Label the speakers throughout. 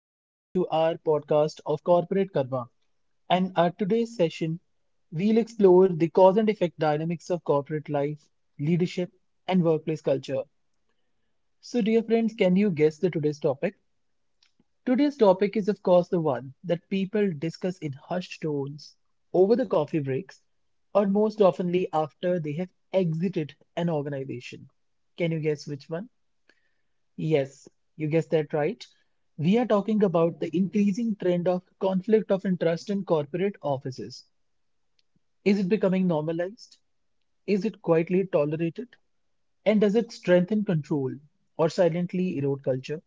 Speaker 1: Welcome to our podcast of Corporate Karma. And our today's session, we'll explore the cause and effect dynamics of corporate life, leadership, and workplace culture. So, dear friends, can you guess the today's topic? Today's topic is, of course, the one that people discuss in hushed tones over the coffee breaks, or most oftenly after they have exited an organization. Can you guess which one? Yes, you guessed that right. We are talking about the increasing trend of conflict of interest in corporate offices. Is it becoming normalized? Is it quietly tolerated? And does it strengthen control or silently erode culture?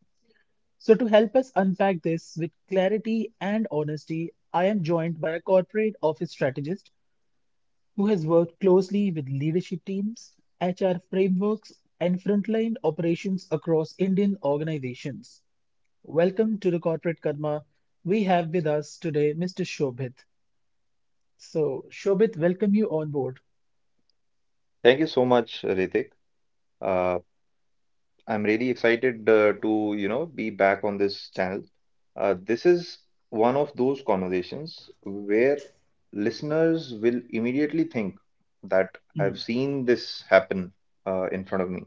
Speaker 1: So, to help us unpack this with clarity and honesty, I am joined by a corporate office strategist who has worked closely with leadership teams, HR frameworks, and frontline operations across Indian organizations. Welcome to the Corporate Karma. We have with us today Mr. Shobhit. So, Shobhit, welcome you on board.
Speaker 2: Thank you so much, Ritik. Uh, I'm really excited to, you know, be back on this channel. This is one of those conversations where listeners will immediately think that I've
Speaker 1: Hmm.
Speaker 2: seen this happen in front of me.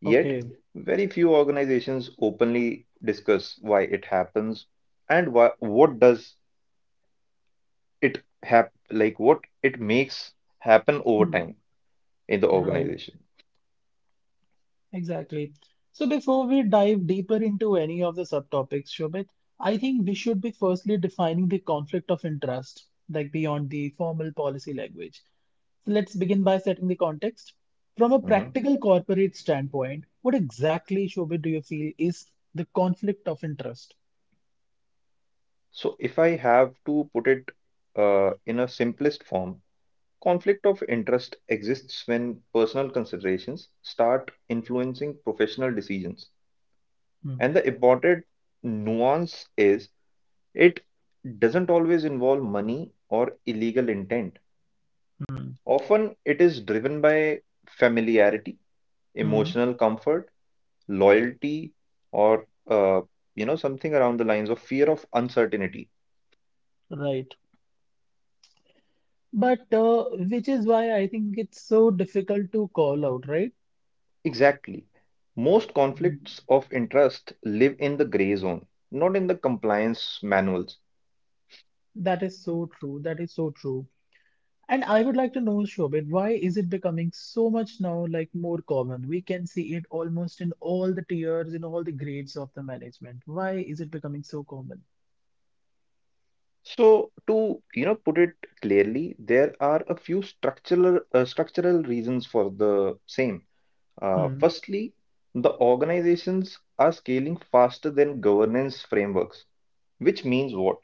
Speaker 2: Yet,
Speaker 1: Okay.
Speaker 2: very few organizations openly discuss why it happens and why, what does it hap like what it makes happen over
Speaker 1: Hmm.
Speaker 2: time. In the
Speaker 1: Right.
Speaker 2: organization.
Speaker 1: Exactly. So, before we dive deeper into any of the subtopics, Shobhit, I think we should be firstly defining the conflict of interest, like beyond the formal policy language. So let's begin by setting the context. From a
Speaker 2: Mhm.
Speaker 1: practical corporate standpoint, what exactly, Shobhit, do you feel is the conflict of interest?
Speaker 2: So, if I have to put it in a simplest form, conflict of interest exists when personal considerations start influencing professional decisions. And the important nuance is it doesn't always involve money or illegal intent.
Speaker 1: Hmm.
Speaker 2: Often, it is driven by familiarity,
Speaker 1: Hmm.
Speaker 2: emotional comfort, loyalty, or you know something around the lines of fear of uncertainty.
Speaker 1: Right. But which is why I think it's so difficult to call out, right?
Speaker 2: Exactly. Most conflicts
Speaker 1: Mhm.
Speaker 2: of interest live in the gray zone, not in the compliance manuals.
Speaker 1: That is so true. That is so true. And I would like to know, Shobit, why is it becoming so much now like more common? We can see it almost in all the tiers, in all the grades of the management. Why is it becoming so common?
Speaker 2: So to you know put it clearly, there are a few structural reasons for the same.
Speaker 1: Hmm.
Speaker 2: Firstly, the organizations are scaling faster than governance frameworks, which means what?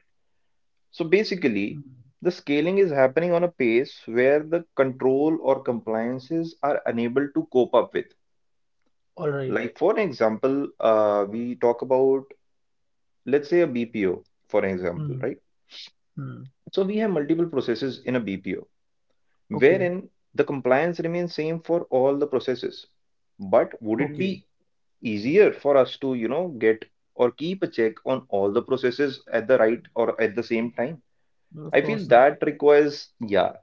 Speaker 2: So basically,
Speaker 1: Mhm.
Speaker 2: the scaling is happening on a pace where the control or compliances are unable to cope up with.
Speaker 1: All right.
Speaker 2: Like for an example, we talk about let's say a BPO, for an example,
Speaker 1: Hmm.
Speaker 2: right?
Speaker 1: Hmm.
Speaker 2: So we have multiple processes in a BPO,
Speaker 1: Okay.
Speaker 2: wherein the compliance remains same for all the processes. But would it
Speaker 1: Okay.
Speaker 2: be easier for us to, you know, get or keep a check on all the processes at the right or at the same time?
Speaker 1: No, of
Speaker 2: I feel
Speaker 1: course not.
Speaker 2: that requires, yeah,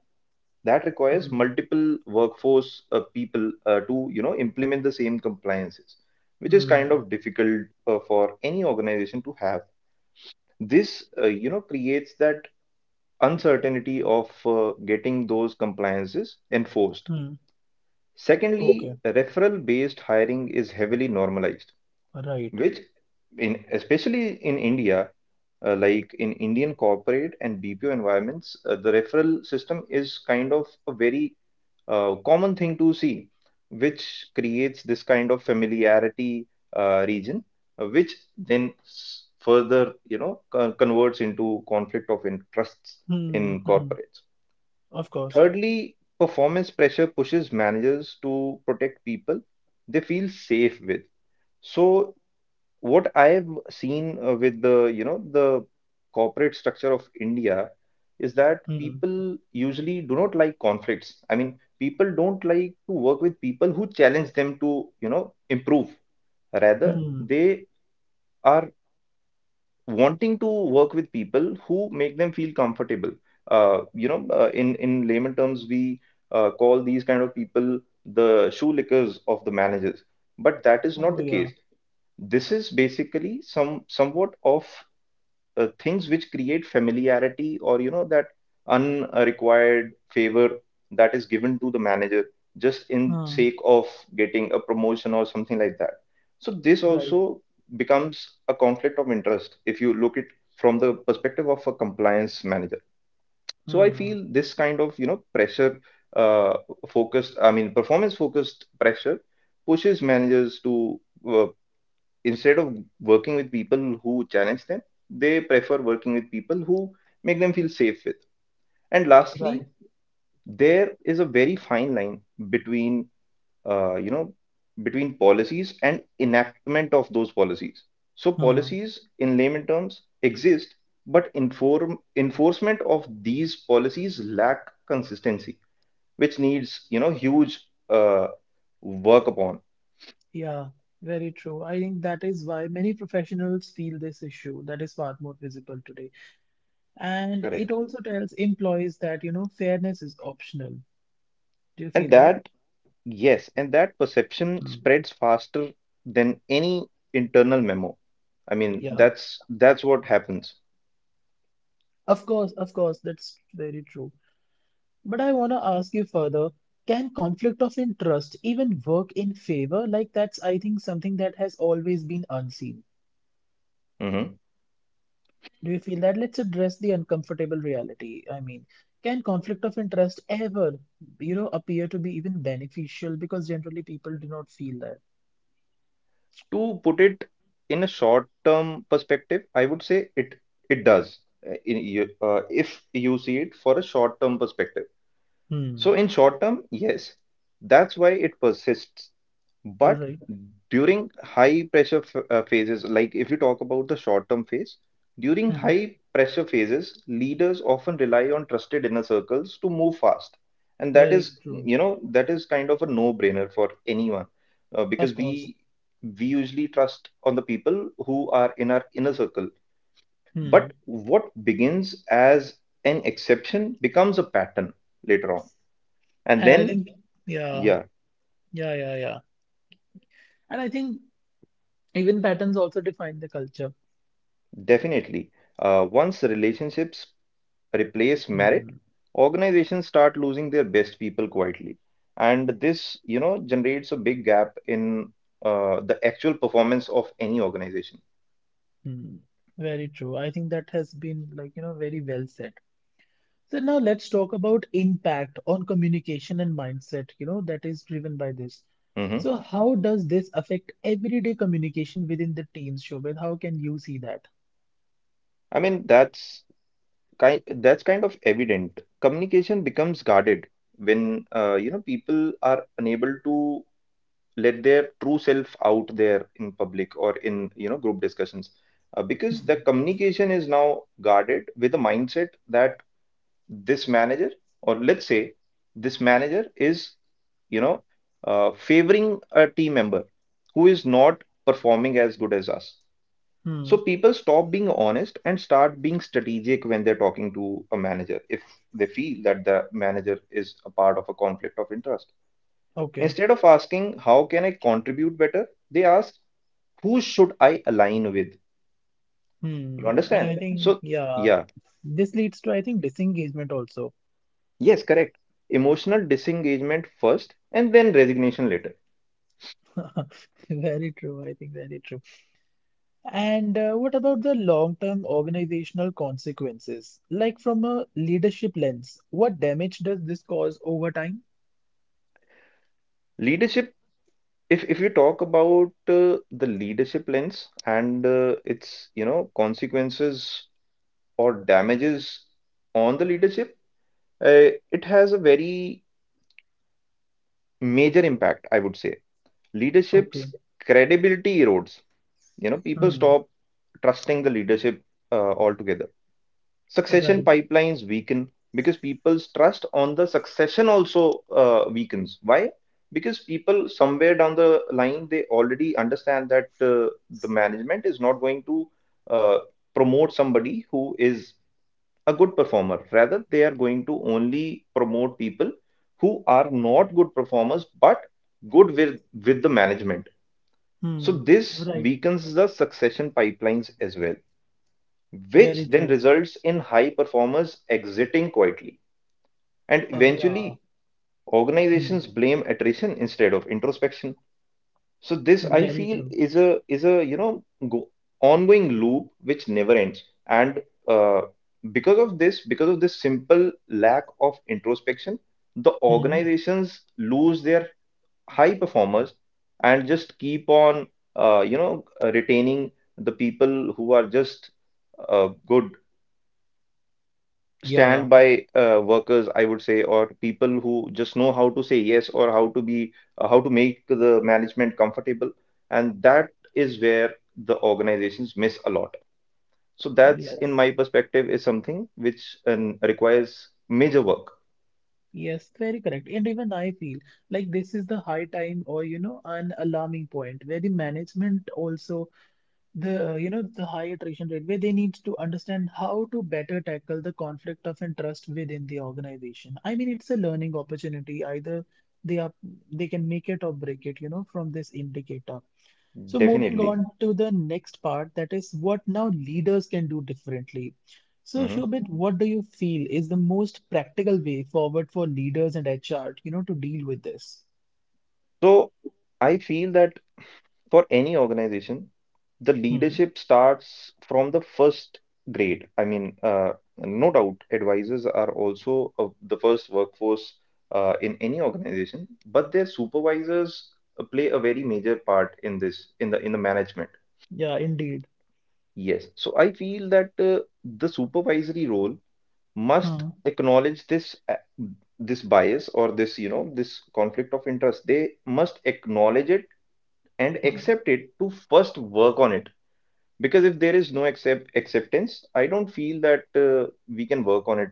Speaker 2: that requires
Speaker 1: Hmm.
Speaker 2: multiple workforce people to you know implement the same compliances, which is kind
Speaker 1: Hmm.
Speaker 2: of difficult for any organization to have. This you know creates that uncertainty of getting those compliances enforced.
Speaker 1: Hmm.
Speaker 2: Secondly,
Speaker 1: Okay.
Speaker 2: referral based hiring is heavily normalized,
Speaker 1: Right.
Speaker 2: which in especially in India, like in Indian corporate and BPO environments, the referral system is kind of a very common thing to see, which creates this kind of familiarity region, which then further, you know, converts into conflict of interests
Speaker 1: Hmm.
Speaker 2: in
Speaker 1: Hmm.
Speaker 2: corporates.
Speaker 1: Of course.
Speaker 2: Thirdly, performance pressure pushes managers to protect people they feel safe with. So what I've seen with the, you know, the corporate structure of India is that
Speaker 1: Hmm.
Speaker 2: people usually do not like conflicts. I mean, people don't like to work with people who challenge them to, you know, improve. Rather,
Speaker 1: Mm.
Speaker 2: they are wanting to work with people who make them feel comfortable. In layman terms, we call these kind of people the shoelickers of the managers. But that is not
Speaker 1: Oh
Speaker 2: the case.
Speaker 1: yeah.
Speaker 2: This is basically somewhat of things which create familiarity or you know that unrequired favor that is given to the manager just in sake
Speaker 1: Mm,
Speaker 2: of getting a promotion or something like that. So this
Speaker 1: right.
Speaker 2: also becomes a conflict of interest if you look it from the perspective of a compliance manager. So I feel
Speaker 1: Mm,
Speaker 2: this kind of you know pressure, uh, focused, I mean, performance focused pressure pushes managers to uh, instead of working with people who challenge them, they prefer working with people who make them feel safe with. And lastly,
Speaker 1: right.
Speaker 2: there is a very fine line between uh, you know between policies and enactment of those policies. So
Speaker 1: Mm.
Speaker 2: policies, in layman terms, exist, but inform enforcement of these policies lack consistency, which needs you know huge uh, work upon.
Speaker 1: Yeah, very true. I think that is why many professionals feel this issue that is far more visible today. And it
Speaker 2: Correct.
Speaker 1: also tells employees that, you know, fairness is optional. Do you
Speaker 2: And
Speaker 1: feel that?
Speaker 2: that Yes, and that perception
Speaker 1: Mm,
Speaker 2: spreads faster than any internal memo. I mean,
Speaker 1: yeah.
Speaker 2: that's what happens.
Speaker 1: Of course, that's very true. But I want to ask you further, can conflict of interest even work in favor? Like that's, I think, something that has always been unseen.
Speaker 2: Mhm.
Speaker 1: Do you feel that? Let's address the uncomfortable reality. I mean, can conflict of interest ever, you know, appear to be even beneficial? Because generally people do not feel that.
Speaker 2: To put it in a short-term perspective, I would say it does. In, if you see it for a short-term perspective.
Speaker 1: Hmm.
Speaker 2: So in short term, yes, that's why it persists.
Speaker 1: All
Speaker 2: But
Speaker 1: right.
Speaker 2: during high pressure f phases, like if you talk about the short term phase, during
Speaker 1: Hmm.
Speaker 2: high pressure phases, leaders often rely on trusted inner circles to move fast. And that
Speaker 1: Very
Speaker 2: is,
Speaker 1: true.
Speaker 2: you know, that is kind of a no-brainer for anyone because
Speaker 1: Of course.
Speaker 2: we usually trust on the people who are in our inner circle.
Speaker 1: Hmm.
Speaker 2: But what begins as an exception becomes a pattern later on. And
Speaker 1: And I
Speaker 2: then,
Speaker 1: think, yeah,
Speaker 2: yeah,
Speaker 1: yeah, yeah, yeah. And I think even patterns also define the culture.
Speaker 2: definitely. Once relationships replace merit,
Speaker 1: Hmm.
Speaker 2: organizations start losing their best people quietly. And this, you know, generates a big gap in the actual performance of any organization.
Speaker 1: Hmm. Very true. I think that has been like, you know, very well said. So now let's talk about impact on communication and mindset, you know, that is driven by this.
Speaker 2: Hmm.
Speaker 1: So how does this affect everyday communication within the teams, Shobhit? How can you see that?
Speaker 2: I mean, that's kind of evident. Communication becomes guarded when you know people are unable to let their true self out there in public or in you know group discussions, because the
Speaker 1: Hmm.
Speaker 2: communication is now guarded with a mindset that this manager or let's say this manager is you know favoring a team member who is not performing as good as us.
Speaker 1: Hmm.
Speaker 2: So people stop being honest and start being strategic when they're talking to a manager if they feel that the manager is a part of a conflict of interest.
Speaker 1: Okay.
Speaker 2: Instead of asking how can I contribute better, they ask who should I align with. You
Speaker 1: Hmm. And I,
Speaker 2: understand?
Speaker 1: yeah, think,
Speaker 2: So
Speaker 1: yeah,
Speaker 2: yeah,
Speaker 1: this leads to, I think, disengagement also.
Speaker 2: yes, correct. Emotional disengagement first and then resignation later.
Speaker 1: Very true. I think very true. And what about the long-term organizational consequences? Like from a leadership lens, what damage does this cause over time?
Speaker 2: Leadership, if you talk about the leadership lens and its, you know, consequences or damages on the leadership, it has a very major impact, I would say.
Speaker 1: Okay.
Speaker 2: Leadership's credibility erodes. You know, people stop trusting the leadership altogether. Succession
Speaker 1: Right.
Speaker 2: pipelines weaken because people's trust on the succession also weakens. Why? Because people somewhere down the line they already understand that the management is not going to uh, promote somebody who is a good performer, rather they are going to only promote people who are not good performers but good with the management. So
Speaker 1: Hmm.
Speaker 2: this
Speaker 1: Right.
Speaker 2: weakens the succession pipelines as well, which
Speaker 1: Very
Speaker 2: then
Speaker 1: true.
Speaker 2: results in high performers exiting quietly. And
Speaker 1: Yeah.
Speaker 2: eventually, organizations
Speaker 1: Hmm.
Speaker 2: blame attrition instead of introspection. So this, I
Speaker 1: Very
Speaker 2: feel,
Speaker 1: true.
Speaker 2: is a you know go, ongoing loop which never ends. And uh, because of this simple lack of introspection, the
Speaker 1: Hmm.
Speaker 2: organizations lose their high performers and just keep on retaining the people who are just good
Speaker 1: Yeah.
Speaker 2: stand by workers, I would say, or people who just know how to say yes or how to be how to make the management comfortable, and that is where the organizations miss a lot. So that's, in
Speaker 1: Yes.
Speaker 2: my perspective, is something which requires major work,
Speaker 1: Yes. Very correct. And even I feel like this is the high time, or you know, an alarming point where the management also the you know the high attrition rate where they need to understand how to better tackle the conflict of interest within the organization. I mean, it's a learning opportunity. Either they are they can make it or break it, you know, from this indicator. So moving
Speaker 2: definitely.
Speaker 1: on to the next part, that is what now leaders can do differently. So
Speaker 2: Mhm.
Speaker 1: Shobit, what do you feel is the most practical way forward for leaders and HR, you know, to deal with this?
Speaker 2: So I feel that for any organization, the
Speaker 1: Hmm.
Speaker 2: leadership starts from the first grade. I mean, no doubt, advisors are also the first workforce in any organization, but their supervisors play a very major part in this, in the management.
Speaker 1: Yeah, indeed.
Speaker 2: Yes. So I feel that the supervisory role must
Speaker 1: Hmm.
Speaker 2: acknowledge this this bias or this, you know, this conflict of interest. They must acknowledge it and
Speaker 1: Hmm.
Speaker 2: accept it to first work on it, because if there is no acceptance I don't feel that we can work on it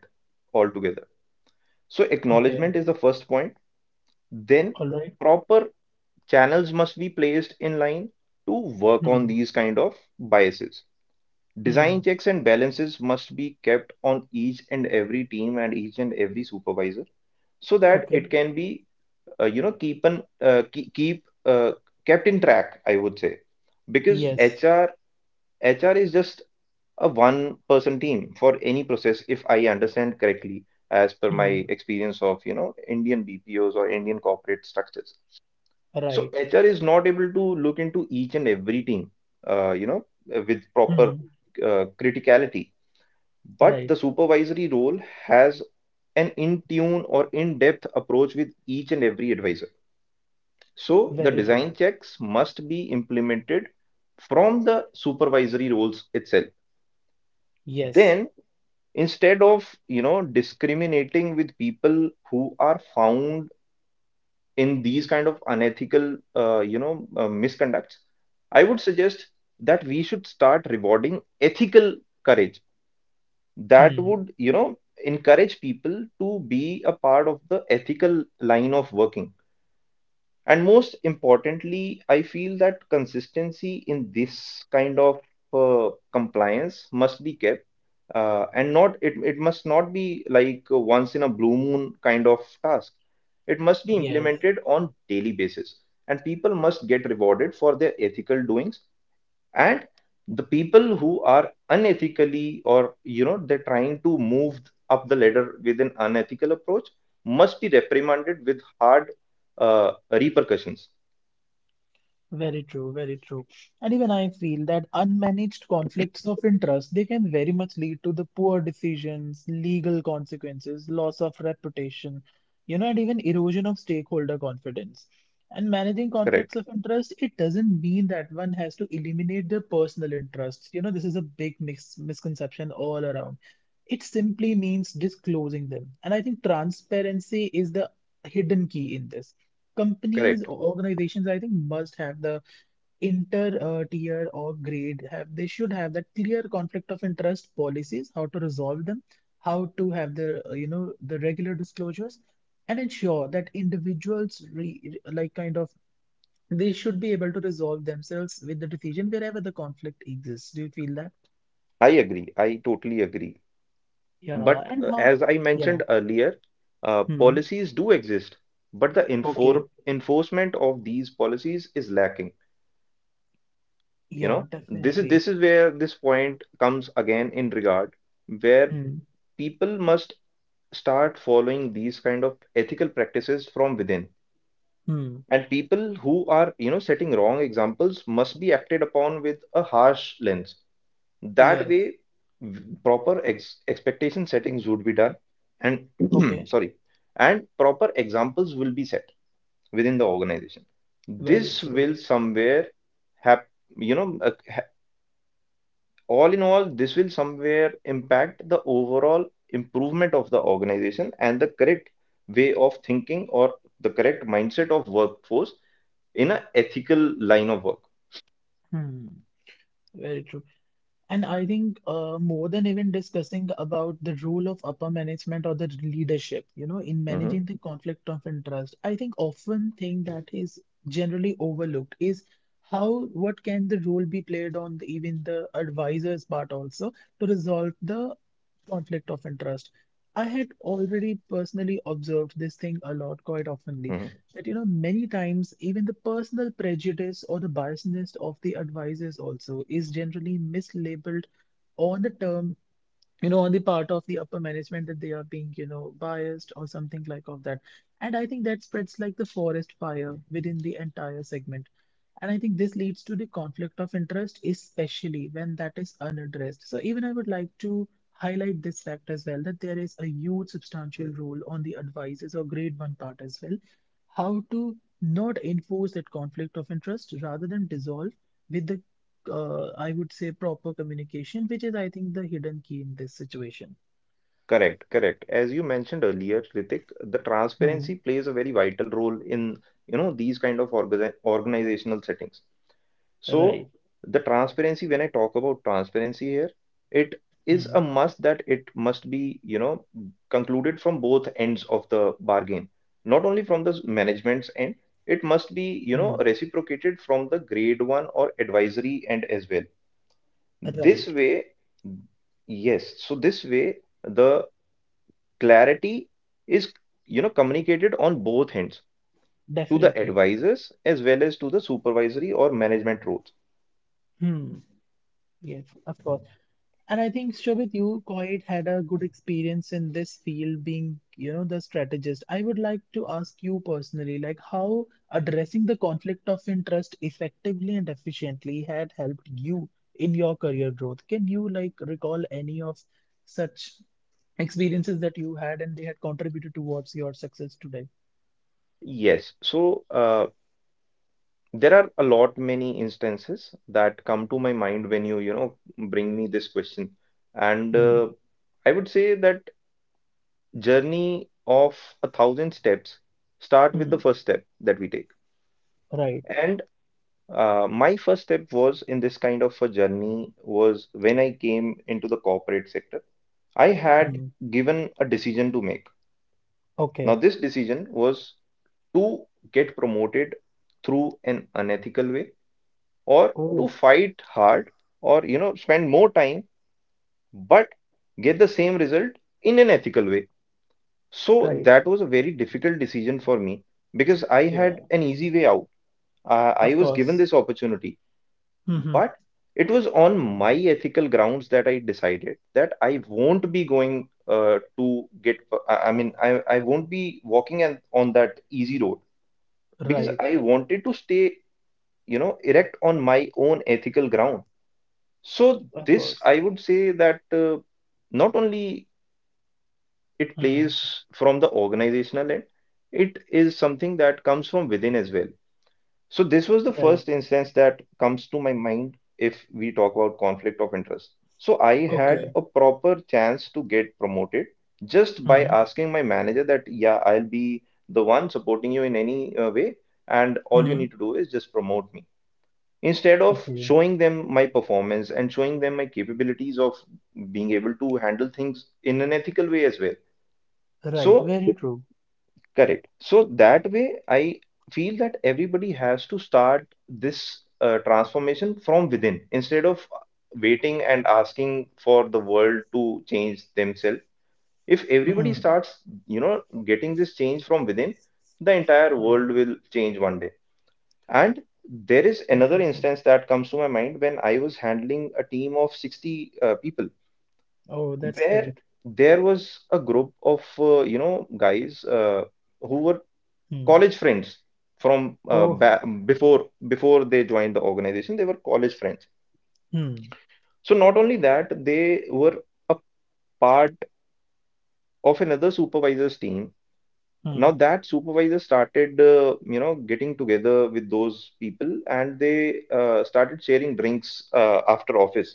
Speaker 2: altogether. So
Speaker 1: Okay.
Speaker 2: acknowledgement is the first point. Then
Speaker 1: All right.
Speaker 2: proper channels must be placed in line to work on
Speaker 1: Hmm.
Speaker 2: these kind of biases.
Speaker 1: Hmm.
Speaker 2: Design checks and balances must be kept on each and every team and each and every supervisor so that it
Speaker 1: Okay.
Speaker 2: can be you know keep an keep keep, kept in track, I would say. Because
Speaker 1: Yes.
Speaker 2: HR is just a one person team for any process if I understand correctly, as per my
Speaker 1: Hmm.
Speaker 2: experience of you know Indian BPOs or Indian corporate structures. So
Speaker 1: Right.
Speaker 2: HR is not able to look into each and every team, uh, you know with proper
Speaker 1: Hmm.
Speaker 2: criticality. But
Speaker 1: Right.
Speaker 2: the supervisory role has an in tune or in depth approach with each and every advisor. So the
Speaker 1: Very true.
Speaker 2: design checks must be implemented from the supervisory roles itself.
Speaker 1: Yes.
Speaker 2: Then instead of you know discriminating with people who are found in these kind of unethical misconducts, I would suggest that we should start rewarding ethical courage. That
Speaker 1: Hmm.
Speaker 2: would you know encourage people to be a part of the ethical line of working. And most importantly, I feel that consistency in this kind of compliance must be kept, and not it, it must not be like a once in a blue moon kind of task. It must be
Speaker 1: Yes.
Speaker 2: implemented on daily basis, and people must get rewarded for their ethical doings, and the people who are unethically or they're trying to move up the ladder with an unethical approach must be reprimanded with hard repercussions.
Speaker 1: Very true, very true. And even I feel that unmanaged conflicts of interest, they can very much lead to the poor decisions, legal consequences, loss of reputation, you know, and even erosion of stakeholder confidence. And managing conflicts
Speaker 2: Correct,
Speaker 1: of interest, it doesn't mean that one has to eliminate their personal interests. You know, this is a big misconception all around. It simply means disclosing them. And I think transparency is the hidden key in this. Companies
Speaker 2: correct.
Speaker 1: or organizations, I think, must have the inter tier or grade have they should have that clear conflict of interest policies, how to resolve them, how to have the regular disclosures, and ensure that individuals like kind of they should be able to resolve themselves with the decision wherever the conflict exists. Do you feel that?
Speaker 2: I agree, I totally agree.
Speaker 1: Yeah.
Speaker 2: But
Speaker 1: And how?
Speaker 2: as I
Speaker 1: Yeah.
Speaker 2: mentioned earlier,
Speaker 1: Hmm.
Speaker 2: policies do exist, but the
Speaker 1: Okay.
Speaker 2: enforcement of these policies is lacking.
Speaker 1: Yeah,
Speaker 2: This is
Speaker 1: definitely.
Speaker 2: this is where this point comes again in regard, where
Speaker 1: Hmm.
Speaker 2: people must start following these kind of ethical practices from within.
Speaker 1: Hmm.
Speaker 2: And people who are setting wrong examples must be acted upon with a harsh lens. That
Speaker 1: Yes.
Speaker 2: way, proper expectation settings would be done. And
Speaker 1: Okay.
Speaker 2: sorry, and proper examples will be set within the organization.
Speaker 1: Very
Speaker 2: This
Speaker 1: true.
Speaker 2: will somewhere have, you know uh, ha- all in all, this will somewhere impact the overall improvement of the organization and the correct way of thinking, or the correct mindset of workforce in an ethical line of work.
Speaker 1: Hmm, very true. And I think more than even discussing about the role of upper management or the leadership, you know, in
Speaker 2: Mhm,
Speaker 1: managing the conflict of interest, I think often think that is generally overlooked is how what can the role be played on the, even the advisor's part also to resolve the conflict of interest. I had already personally observed this thing a lot quite oftenly
Speaker 2: mhm.
Speaker 1: that you know many times even the personal prejudice or the biasness of the advisors also is generally mislabeled on the term, you know, on the part of the upper management that they are being, you know, biased or something like of that. And I think that spreads like the forest fire within the entire segment. And I think this leads to the conflict of interest, especially when that is unaddressed. So even I would like to highlight this fact as well that there is a huge substantial role on the advisors or grade one part as well, how to not enforce that conflict of interest rather than dissolve with the I would say proper communication, which is, I think, the hidden key in this situation.
Speaker 2: Correct, correct. As you mentioned earlier, Ritik, the
Speaker 1: Hmm.
Speaker 2: transparency plays a very vital role in, these kind of organizational settings. So
Speaker 1: Right.
Speaker 2: the transparency, when I talk about transparency here, it is
Speaker 1: Hmm.
Speaker 2: a must that it must be, concluded from both ends of the bargain. Not only from the management's end, it must be,
Speaker 1: Hmm.
Speaker 2: reciprocated from the grade one or advisory end as well. This
Speaker 1: Right.
Speaker 2: way, yes, so this way the clarity is, communicated on both ends, to the
Speaker 1: Definitely.
Speaker 2: advisors as well as to the supervisory or management roles.
Speaker 1: Hmm. Yes, of course. And I think, Shobit, you quite had a good experience in this field being, you know, the strategist. I would like to ask you personally, like how addressing the conflict of interest effectively and efficiently had helped you in your career growth. Can you like recall any of such experiences that you had and they had contributed towards your success today?
Speaker 2: Yes. So, there are a lot many instances that come to my mind when you, bring me this question. And
Speaker 1: Hmm.
Speaker 2: I would say that journey of a thousand steps start with
Speaker 1: Hmm.
Speaker 2: the first step that we take.
Speaker 1: Right.
Speaker 2: And my first step was in this kind of a journey was when I came into the corporate sector. I had
Speaker 1: Hmm.
Speaker 2: given a decision to make. Now,
Speaker 1: Okay.
Speaker 2: this decision was to get promoted through an unethical way, or to
Speaker 1: Oh,
Speaker 2: fight hard, or spend more time but get the same result in an ethical way. So
Speaker 1: right.
Speaker 2: that was a very difficult decision for me, because I
Speaker 1: Yeah.
Speaker 2: had an easy way out. I
Speaker 1: Of
Speaker 2: was given
Speaker 1: course.
Speaker 2: this opportunity,
Speaker 1: Hmm.
Speaker 2: but it was on my ethical grounds that I decided that I won't be going to get, I mean, I won't be walking and on that easy road, because
Speaker 1: Right.
Speaker 2: I wanted to stay, erect on my own ethical ground. So
Speaker 1: Of
Speaker 2: this,
Speaker 1: course.
Speaker 2: I would say that, not only it
Speaker 1: Hmm.
Speaker 2: plays from the organizational end, it is something that comes from within as well. So this was the
Speaker 1: Right.
Speaker 2: first instance that comes to my mind if we talk about conflict of interest. So I had
Speaker 1: Okay.
Speaker 2: a proper chance to get promoted just by
Speaker 1: Hmm.
Speaker 2: asking my manager that, yeah, I'll be the one supporting you in any way, and all you
Speaker 1: Hmm.
Speaker 2: need to do is just promote me, instead of
Speaker 1: Okay.
Speaker 2: showing them my performance and showing them my capabilities of being able to handle things in an ethical way as well.
Speaker 1: Right.
Speaker 2: So
Speaker 1: Very true.
Speaker 2: correct, so that way I feel that everybody has to start this transformation from within, instead of waiting and asking for the world to change themselves. If everybody
Speaker 1: Hmm.
Speaker 2: starts getting this change from within, the entire
Speaker 1: Hmm.
Speaker 2: world will change one day. And there is another
Speaker 1: Definitely.
Speaker 2: instance that comes to my mind when I was handling a team of 60 people,
Speaker 1: Oh, that's
Speaker 2: where
Speaker 1: great.
Speaker 2: there was a group of guys who were
Speaker 1: Hmm.
Speaker 2: college friends from ba
Speaker 1: Oh.
Speaker 2: before before they joined the organization. They were college friends.
Speaker 1: Hmm.
Speaker 2: So not only that, they were a part of another supervisor's team.
Speaker 1: Hmm.
Speaker 2: Now that supervisor started, getting together with those people, and they started sharing drinks after office.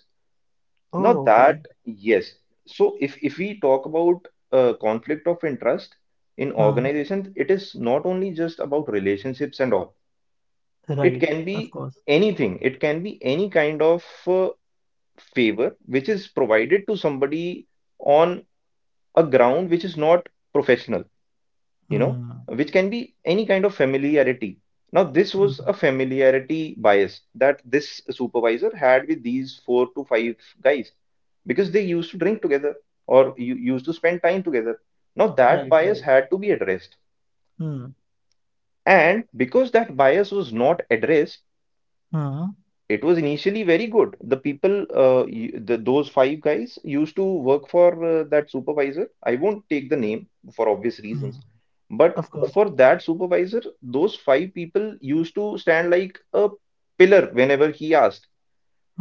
Speaker 2: Now
Speaker 1: Oh, okay.
Speaker 2: that, yes. So if we talk about conflict of interest in
Speaker 1: Hmm.
Speaker 2: organizations, it is not only just about relationships and all. It
Speaker 1: Right.
Speaker 2: can
Speaker 1: Of
Speaker 2: be
Speaker 1: course.
Speaker 2: anything. It can be any kind of favor which is provided to somebody on a ground which is not professional. you know,
Speaker 1: Hmm.
Speaker 2: which can be any kind of familiarity. Now, this
Speaker 1: Hmm.
Speaker 2: was a familiarity bias that this supervisor had with these four to five guys, because they used to drink together or you used to spend time together. Now, that
Speaker 1: Right,
Speaker 2: bias
Speaker 1: right.
Speaker 2: had to be addressed.
Speaker 1: Hmm.
Speaker 2: And because that bias was not addressed,
Speaker 1: Hmm.
Speaker 2: it was initially very good. The people, the, those five guys used to work for that supervisor. I won't take the name for obvious
Speaker 1: Hmm.
Speaker 2: reasons, but
Speaker 1: Of course.
Speaker 2: for that supervisor, those five people used to stand like a pillar whenever he asked.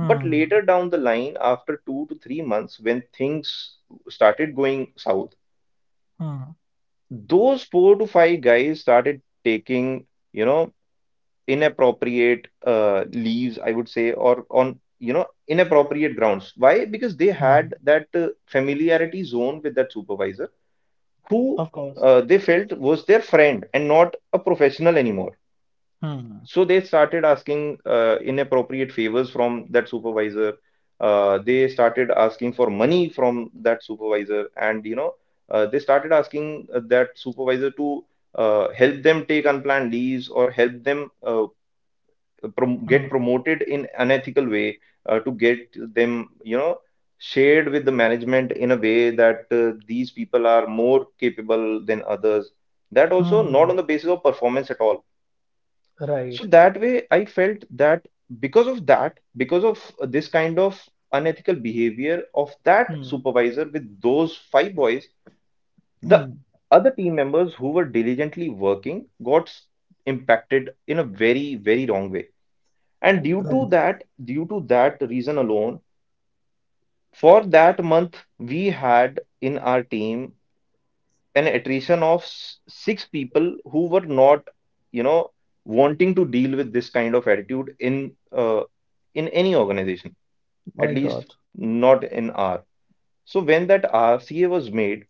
Speaker 2: But later down the line, after two to three months, when things started going south,
Speaker 1: Hmm.
Speaker 2: those four to five guys started taking, inappropriate leaves, I would say, or on inappropriate grounds. Why? Because they had
Speaker 1: Hmm.
Speaker 2: that familiarity zone with that supervisor, who
Speaker 1: Of course.
Speaker 2: they felt was their friend and not a professional anymore.
Speaker 1: Hmm.
Speaker 2: So they started asking inappropriate favors from that supervisor. They started asking for money from that supervisor, and they started asking that supervisor to help them take unplanned leaves, or help them
Speaker 1: Hmm.
Speaker 2: get promoted in unethical way, to get them shared with the management in a way that these people are more capable than others, that also not on
Speaker 1: Hmm.
Speaker 2: the basis of performance at all. So
Speaker 1: Right.
Speaker 2: that way I felt that because of this kind of unethical behavior of that
Speaker 1: Hmm.
Speaker 2: supervisor with those five boys, the
Speaker 1: Hmm.
Speaker 2: other team members who were diligently working got impacted in a very, very wrong way. And due to
Speaker 1: Right.
Speaker 2: that reason alone, for that month we had in our team an attrition of six people who were not you know wanting to deal with this kind of attitude uh, in any organization, at
Speaker 1: My
Speaker 2: least
Speaker 1: God.
Speaker 2: not in R. So when that RCA was made,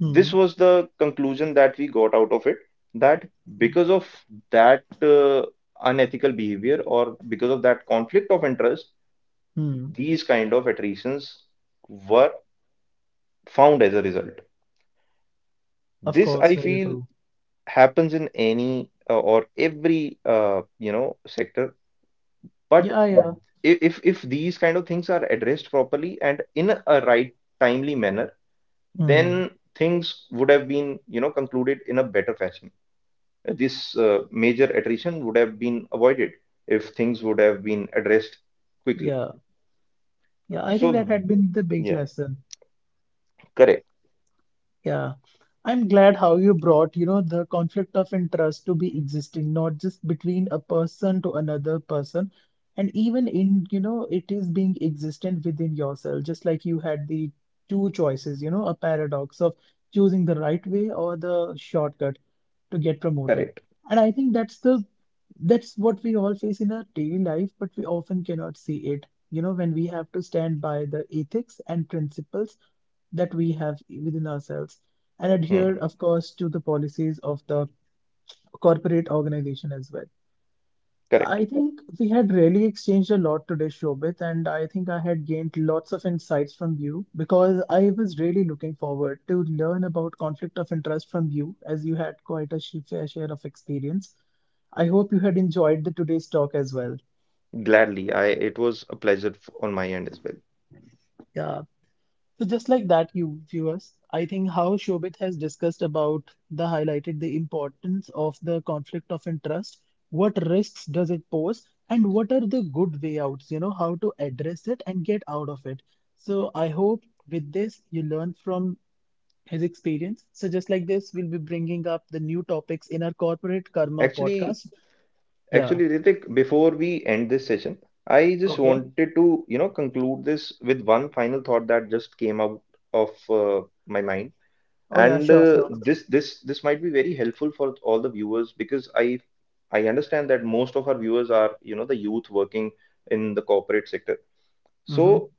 Speaker 1: Hmm.
Speaker 2: this was the conclusion that we got out of it, that
Speaker 1: Hmm.
Speaker 2: because of that unethical behavior, or because of that conflict of interest,
Speaker 1: Hmm.
Speaker 2: these kind of attritions were found as a result.
Speaker 1: Of
Speaker 2: This
Speaker 1: course,
Speaker 2: I
Speaker 1: very
Speaker 2: feel
Speaker 1: true.
Speaker 2: happens in any or every sector, but
Speaker 1: Yeah, yeah.
Speaker 2: if these kind of things are addressed properly and in a right timely manner,
Speaker 1: Hmm.
Speaker 2: then things would have been concluded in a better fashion. This major attrition would have been avoided if things would have been addressed quickly.
Speaker 1: Yeah. Yeah. I think that
Speaker 2: So
Speaker 1: had been the big
Speaker 2: yeah,
Speaker 1: lesson.
Speaker 2: correct,
Speaker 1: Yeah, I'm glad how you brought, you know, the conflict of interest to be existing, not just between a person to another person, and even in, you know, it is being existent within yourself, just like you had the two choices, you know, a paradox of choosing the right way or the shortcut to get promoted.
Speaker 2: correct,
Speaker 1: And I think that's the that's what we all face in our daily life, but we often cannot see it. You know, when we have to stand by the ethics and principles that we have within ourselves and adhere,
Speaker 2: hmm,
Speaker 1: of course, to the policies of the corporate organization as well. So
Speaker 2: correct.
Speaker 1: I think we had really exchanged a lot today, Shobit, and I think I had gained lots of insights from you because I was really looking forward to learn about conflict of interest from you as you had quite a fair share of experience. I hope you had enjoyed the today's talk as well.
Speaker 2: Gladly, I it was a pleasure on my end as well.
Speaker 1: Yeah. So just like that, you viewers, I think how Shobit has discussed about the highlighted the importance of the conflict of interest, what risks does it pose, and what are the good way outs, you know, how to address it and get out of it. So I hope with this you learn from his experience. So just like this, we'll be bringing up the new topics in our Corporate Karma
Speaker 2: Actually,
Speaker 1: podcast. Yeah.
Speaker 2: actually, Ritik, before we end this session, I just
Speaker 1: Okay.
Speaker 2: wanted to, conclude this with one final thought that just came out of my mind,
Speaker 1: Oh yeah,
Speaker 2: and
Speaker 1: sure,
Speaker 2: uh,
Speaker 1: sure.
Speaker 2: this this this might be very helpful for all the viewers, because I understand that most of our viewers are, the youth working in the corporate sector.
Speaker 1: Mm-hmm.
Speaker 2: So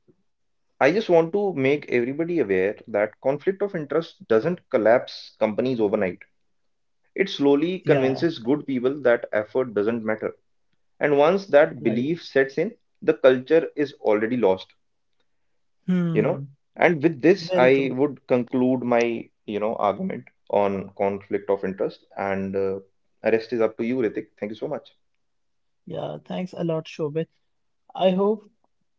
Speaker 2: I just want to make everybody aware that conflict of interest doesn't collapse companies overnight. It slowly
Speaker 1: Yeah.
Speaker 2: convinces good people that effort doesn't matter. And once that
Speaker 1: Right.
Speaker 2: belief sets in, the culture is already lost, you
Speaker 1: Hmm.
Speaker 2: know. And with this,
Speaker 1: Very
Speaker 2: I
Speaker 1: true.
Speaker 2: would conclude my, argument on conflict of interest. And rest is up to you, Ritik. Thank you so much.
Speaker 1: Yeah, thanks a lot, Shobit. I hope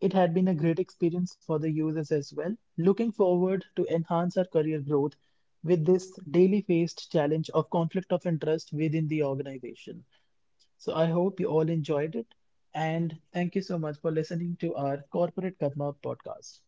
Speaker 1: it had been a great experience for the users as well. Looking forward to enhance our career growth with this daily faced challenge of conflict of interest within the organization. So I hope you all enjoyed it and thank you so much for listening to our Corporate Karma podcast.